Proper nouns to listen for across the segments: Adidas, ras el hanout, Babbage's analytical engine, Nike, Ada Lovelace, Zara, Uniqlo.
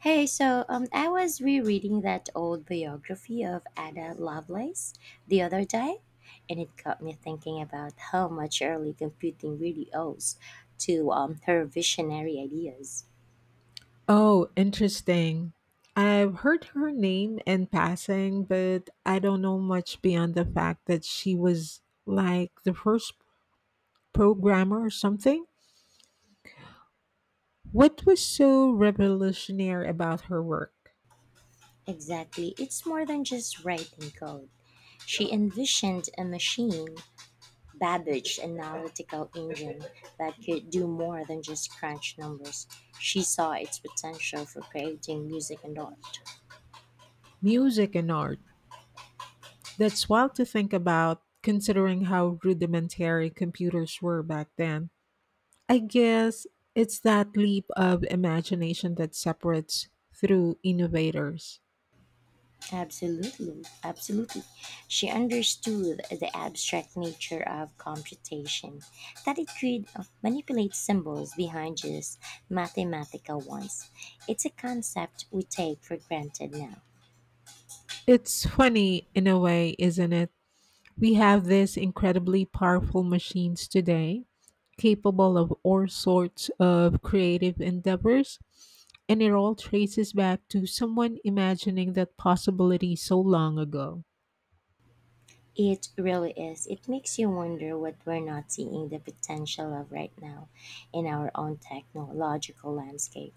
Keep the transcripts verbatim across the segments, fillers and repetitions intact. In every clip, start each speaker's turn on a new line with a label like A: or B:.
A: Hey, so um, I was rereading that old biography of Ada Lovelace the other day, and it got me thinking about how much early computing really owes to um, her visionary ideas.
B: Oh, interesting. I've heard her name in passing, but I don't know much beyond the fact that she was like the first programmer or something. What was so revolutionary about her work?
A: Exactly, it's more than just writing code. She envisioned a machine, Babbage's analytical engine, that could do more than just crunch numbers. She saw its potential for creating music and art.
B: Music and art. That's wild to think about considering how rudimentary computers were back then. I guess it's that leap of imagination that separates through innovators.
A: Absolutely, absolutely. She understood the abstract nature of computation, that it could uh, manipulate symbols behind just mathematical ones. It's a concept we take for granted now.
B: It's funny in a way, isn't it? We have these incredibly powerful machines today, capable of all sorts of creative endeavors, and it all traces back to someone imagining that possibility so long ago.
A: It really is. It makes you wonder what we're not seeing the potential of right now in our own technological landscape.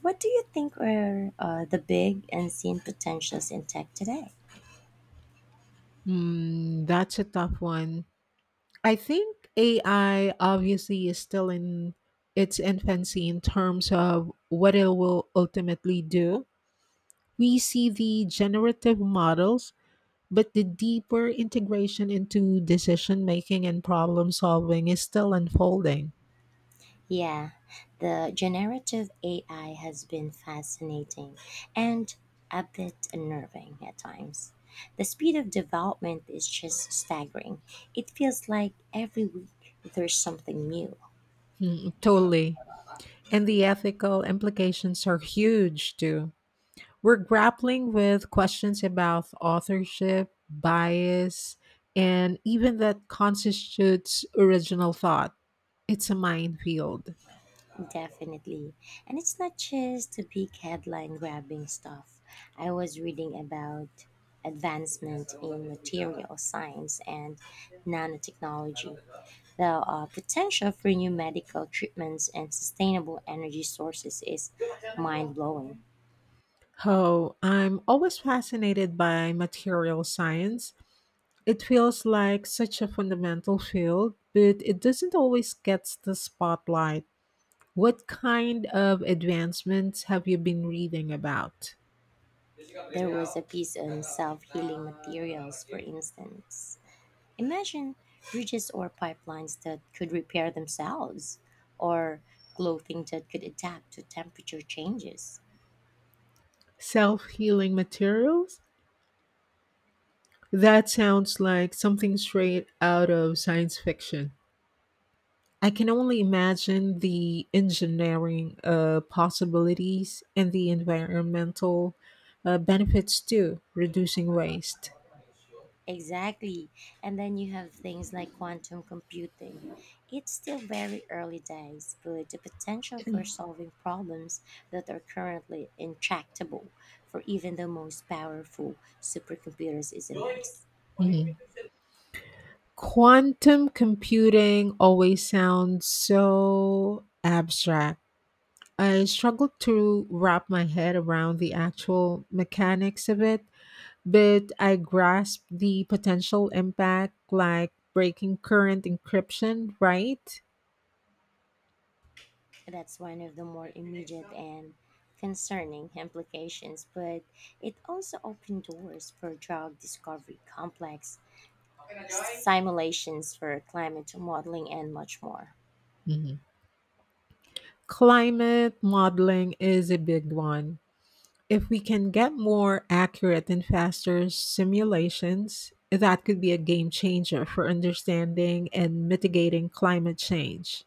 A: What do you think are uh, the big unseen potentials in tech today?
B: Hmm, that's a tough one. I think A I obviously is still in its infancy in terms of what it will ultimately do. We see the generative models, but the deeper integration into decision making and problem solving is still unfolding.
A: Yeah, the generative A I has been fascinating and a bit unnerving at times. The speed of development is just staggering. It feels like every week there's something new.
B: Mm, totally. And the ethical implications are huge too. We're grappling with questions about authorship, bias, and even that constitutes original thought. It's a minefield.
A: Definitely. And it's not just the big headline grabbing stuff. I was reading about advancement in material science and nanotechnology, the uh, potential for new medical treatments and sustainable energy sources is mind blowing.
B: Oh, I'm always fascinated by material science. It feels like such a fundamental field, but it doesn't always get the spotlight. What kind of advancements have you been reading about?
A: There was a piece on self healing materials, for instance. Imagine bridges or pipelines that could repair themselves, or clothing that could adapt to temperature changes.
B: Self healing materials? That sounds like something straight out of science fiction. I can only imagine the engineering uh, possibilities and the environmental uh, benefits too, reducing waste.
A: Exactly. And then you have things like quantum computing. It's still very early days, but the potential for solving problems that are currently intractable for even the most powerful supercomputers is immense.
B: Mhm. Quantum computing always sounds so abstract. I struggle to wrap my head around the actual mechanics of it, but I grasp the potential impact like breaking current encryption, right?
A: That's one of the more immediate and concerning implications, but it also opened doors for drug discovery, complex simulations for climate modeling, and much more.
B: Mhm. Climate modeling is a big one. If we can get more accurate and faster simulations, that could be a game changer for understanding and mitigating climate change.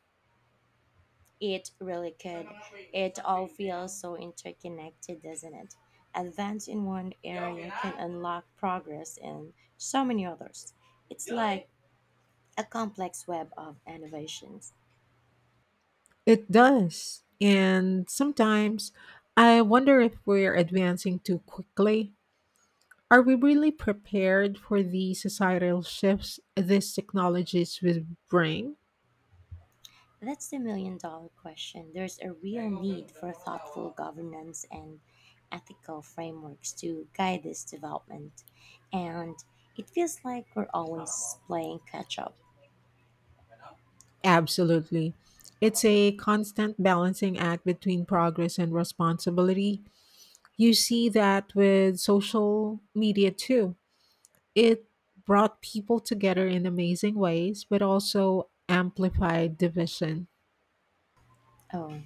A: It really could. It all feels so interconnected, doesn't it? Advance in one area can unlock progress in so many others. It's like a complex web of innovations.
B: It does. And sometimes I wonder if we're advancing too quickly. Are we really prepared for the societal shifts these technologies will bring?
A: That's the million dollar question. There's a real need for thoughtful governance and ethical frameworks to guide this development. And it feels like we're always playing catch up.
B: Absolutely. It's a constant balancing act between progress and responsibility. You see that with social media too. It brought people together in amazing ways, but also amplified division.
A: Oh,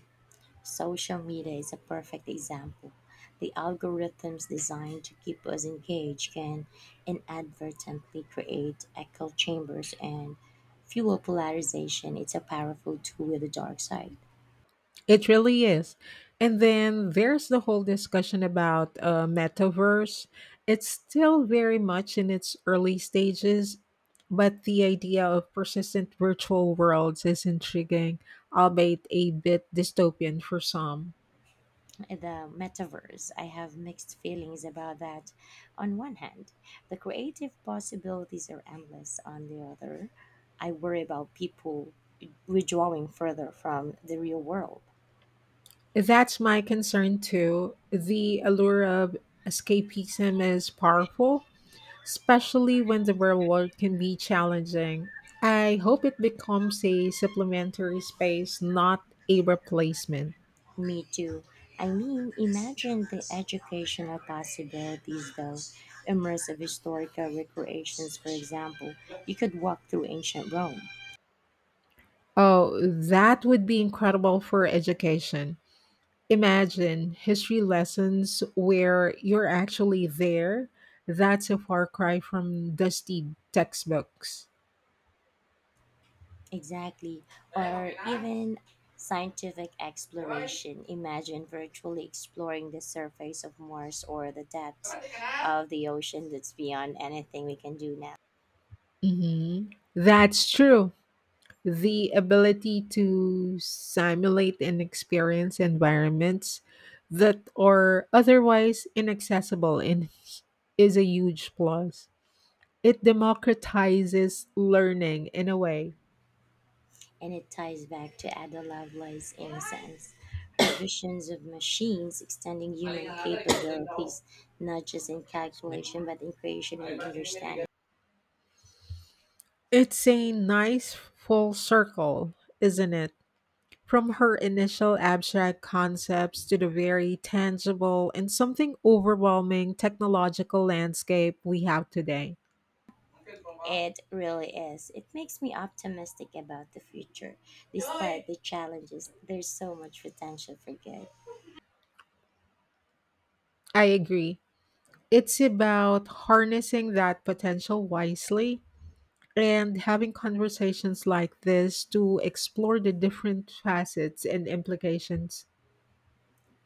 A: social media is a perfect example. The algorithms designed to keep us engaged can inadvertently create echo chambers and fuel polarization. It's a powerful tool with a dark side.
B: It really is. And then there's the whole discussion about uh, metaverse. It's still very much in its early stages, but the idea of persistent virtual worlds is intriguing, albeit a bit dystopian for some.
A: The metaverse, I have mixed feelings about that. On one hand, the creative possibilities are endless. On the other, I worry about people withdrawing further from the real world.
B: That's my concern too. The allure of escapism is powerful, especially when the real world can be challenging. I hope it becomes a supplementary space, not a replacement.
A: Me too. I mean, imagine the educational possibilities, though. Immersive historical recreations, for example. You could walk through ancient Rome.
B: Oh, that would be incredible for education. Imagine history lessons where you're actually there. That's a far cry from dusty textbooks.
A: Exactly. Or even scientific exploration. Imagine virtually exploring the surface of Mars or the depths of the ocean that's beyond anything we can do now.
B: hmm That's true. The ability to simulate and experience environments that are otherwise inaccessible and is a huge plus. It democratizes learning in a way.
A: And it ties back to Ada Lovelace's innocence. Her visions of machines extending human capabilities, not just in
B: Excuse me.
A: calculation, but in creation and understanding.
B: It's a nice full circle, isn't it? From her initial abstract concepts to the very tangible and something overwhelming technological landscape we have today.
A: It really is. It makes me optimistic about the future. Despite the challenges, there's so much potential for good.
B: I agree. It's about harnessing that potential wisely and having conversations like this to explore the different facets and implications.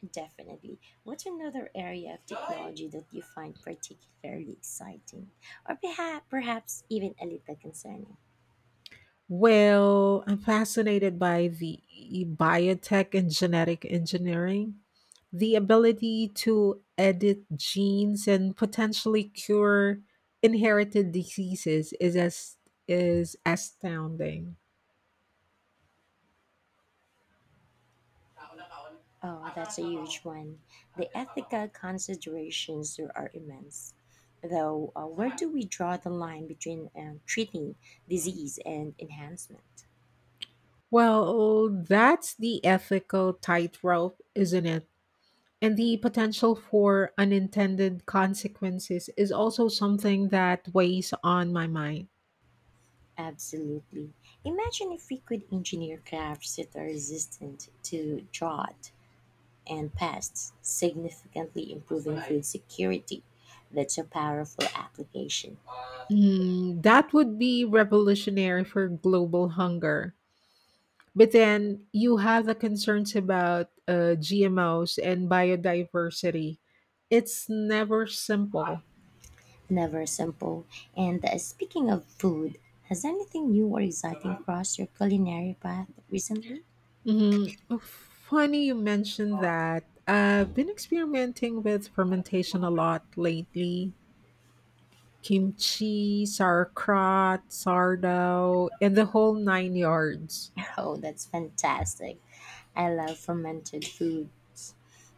A: Definitely. What's another area of technology that you find particularly exciting? Or perhaps, perhaps even a little concerning?
B: Well, I'm fascinated by the biotech and genetic engineering, the ability to edit genes and potentially cure inherited diseases is as is astounding.
A: Oh, that's a huge one. The ethical considerations there are immense. Though, uh, where do we draw the line between um, treating disease and enhancement?
B: Well, that's the ethical tightrope, isn't it? And the potential for unintended consequences is also something that weighs on my mind.
A: Absolutely. Imagine if we could engineer crafts that are resistant to drought and pests, significantly improving food security. That's a powerful application.
B: Mm, that would be revolutionary for global hunger. But then you have the concerns about uh, G M Os and biodiversity. It's never simple.
A: Never simple. And uh, speaking of food, has anything new or exciting crossed your culinary path recently?
B: Mhm. Funny you mentioned that. I've been experimenting with fermentation a lot lately. Kimchi, sauerkraut, sourdough, and the whole nine yards.
A: Oh, that's fantastic. I love fermented foods.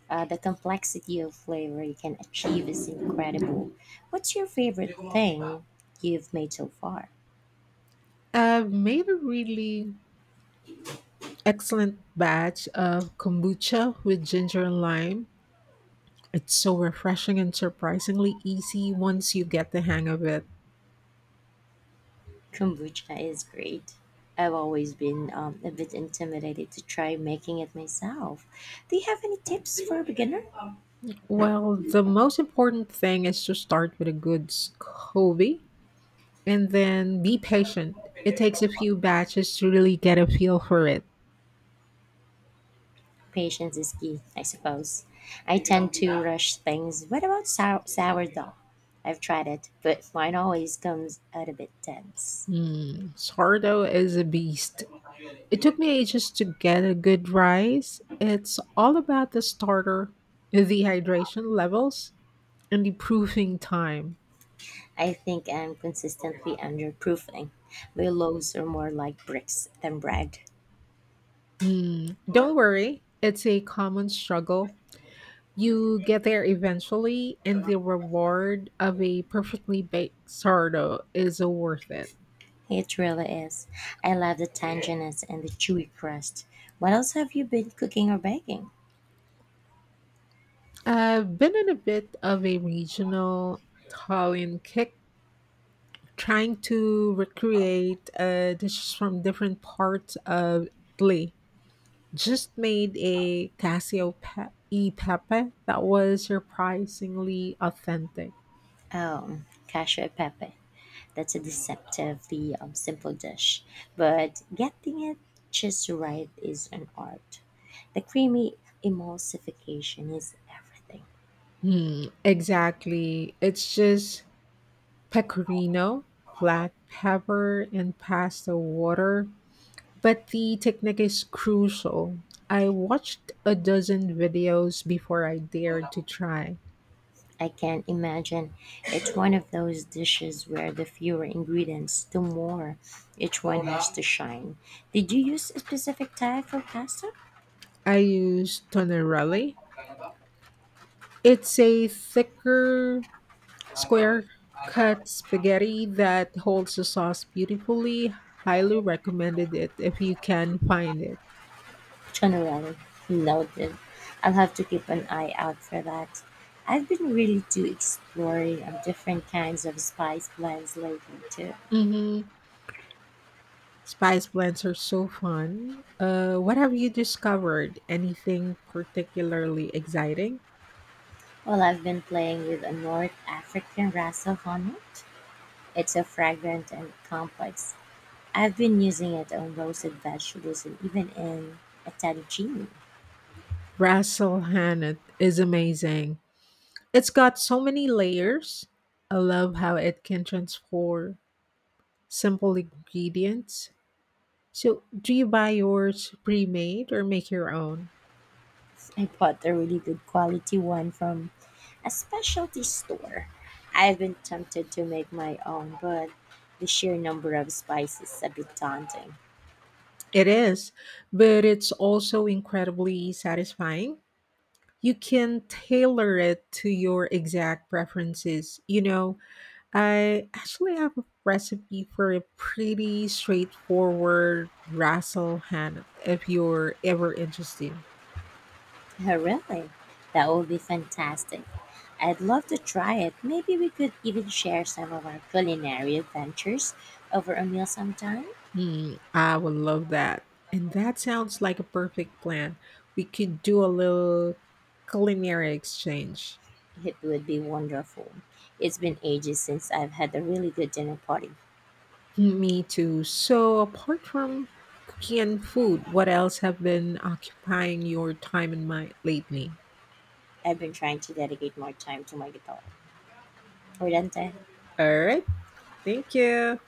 A: Uh, the complexity of flavor you can achieve is incredible. What's your favorite thing you've made so far?
B: I've made a really excellent batch of kombucha with ginger and lime. It's so refreshing and surprisingly easy once you get the hang of it.
A: Kombucha is great. I've always been um, a bit intimidated to try making it myself. Do you have any tips for a beginner?
B: Well, the most important thing is to start with a good s- hobby and then be patient. It takes a few batches to really get a feel for it.
A: Patience is key, I suppose. I tend to rush things. What about sour- sourdough? I've tried it, but mine always comes out a bit dense.
B: Hmm, sourdough is a beast. It took me ages to get a good rise. It's all about the starter, the hydration levels, and the proofing time.
A: I think I'm consistently underproofing. My loaves are more like bricks than bread.
B: Hmm. Don't worry, it's a common struggle. You get there eventually, and the reward of a perfectly baked sourdough is worth it.
A: It really is. I love the tanginess and the chewy crust. What else have you been cooking or baking?
B: I've been in a bit of a regional Italian kick trying to recreate uh, dishes from different parts of Italy. Just made a Casio pe- e pepe that was surprisingly authentic.
A: Oh, cashew e pepe. That's a deceptively um, simple dish, but getting it just right is an art. The creamy emulsification is everything.
B: Hmm, exactly. It's just pecorino,
A: I
B: black pepper, and pasta water. But the technique is crucial. I watched a dozen videos before I dared to try.
A: can not imagine. It's one of those dishes where the fewer ingredients, the more each one has to shine. Did you use a specific type for pasta?
B: I used Tonerelli. It's a thicker, square cut spaghetti that holds the sauce beautifully. Highly recommended it if you can find it.
A: Generally, noted. I'll have to keep an eye out for that. I've been really to exploring of different kinds of spice blends lately too.
B: hmm Spice blends are so fun. Uh, what have you discovered? Anything particularly exciting?
A: Well, I've been playing with a North African ras el hanout. It's so fragrant and complex. I've been using it on roasted vegetables and even in a fettuccine.
B: Russell Hannah is amazing. It's got so many layers. I love how it can transform simple ingredients. So, do you buy yours pre made or make your own?
A: I bought a really good quality one from a specialty store. I've been tempted to make my own, but the sheer number of spices is a bit daunting.
B: It is, but it's also incredibly satisfying. You can tailor it to your exact preferences. You know, I actually have a recipe for a pretty straightforward rassel hand if you're ever interested.
A: Oh, really? That would be fantastic. I'd love to try it. Maybe we could even share some of our culinary adventures over a meal sometime.
B: Hmm, I would love that. And that sounds like a perfect plan. We could do a little culinary exchange.
A: It would be wonderful. It's been ages since I've had a really good dinner party.
B: Me too. So, apart from cooking and food, what else have been occupying your time and mind lately?
A: I've been trying to dedicate more time to my guitar. Or dante.
B: All right. Thank you.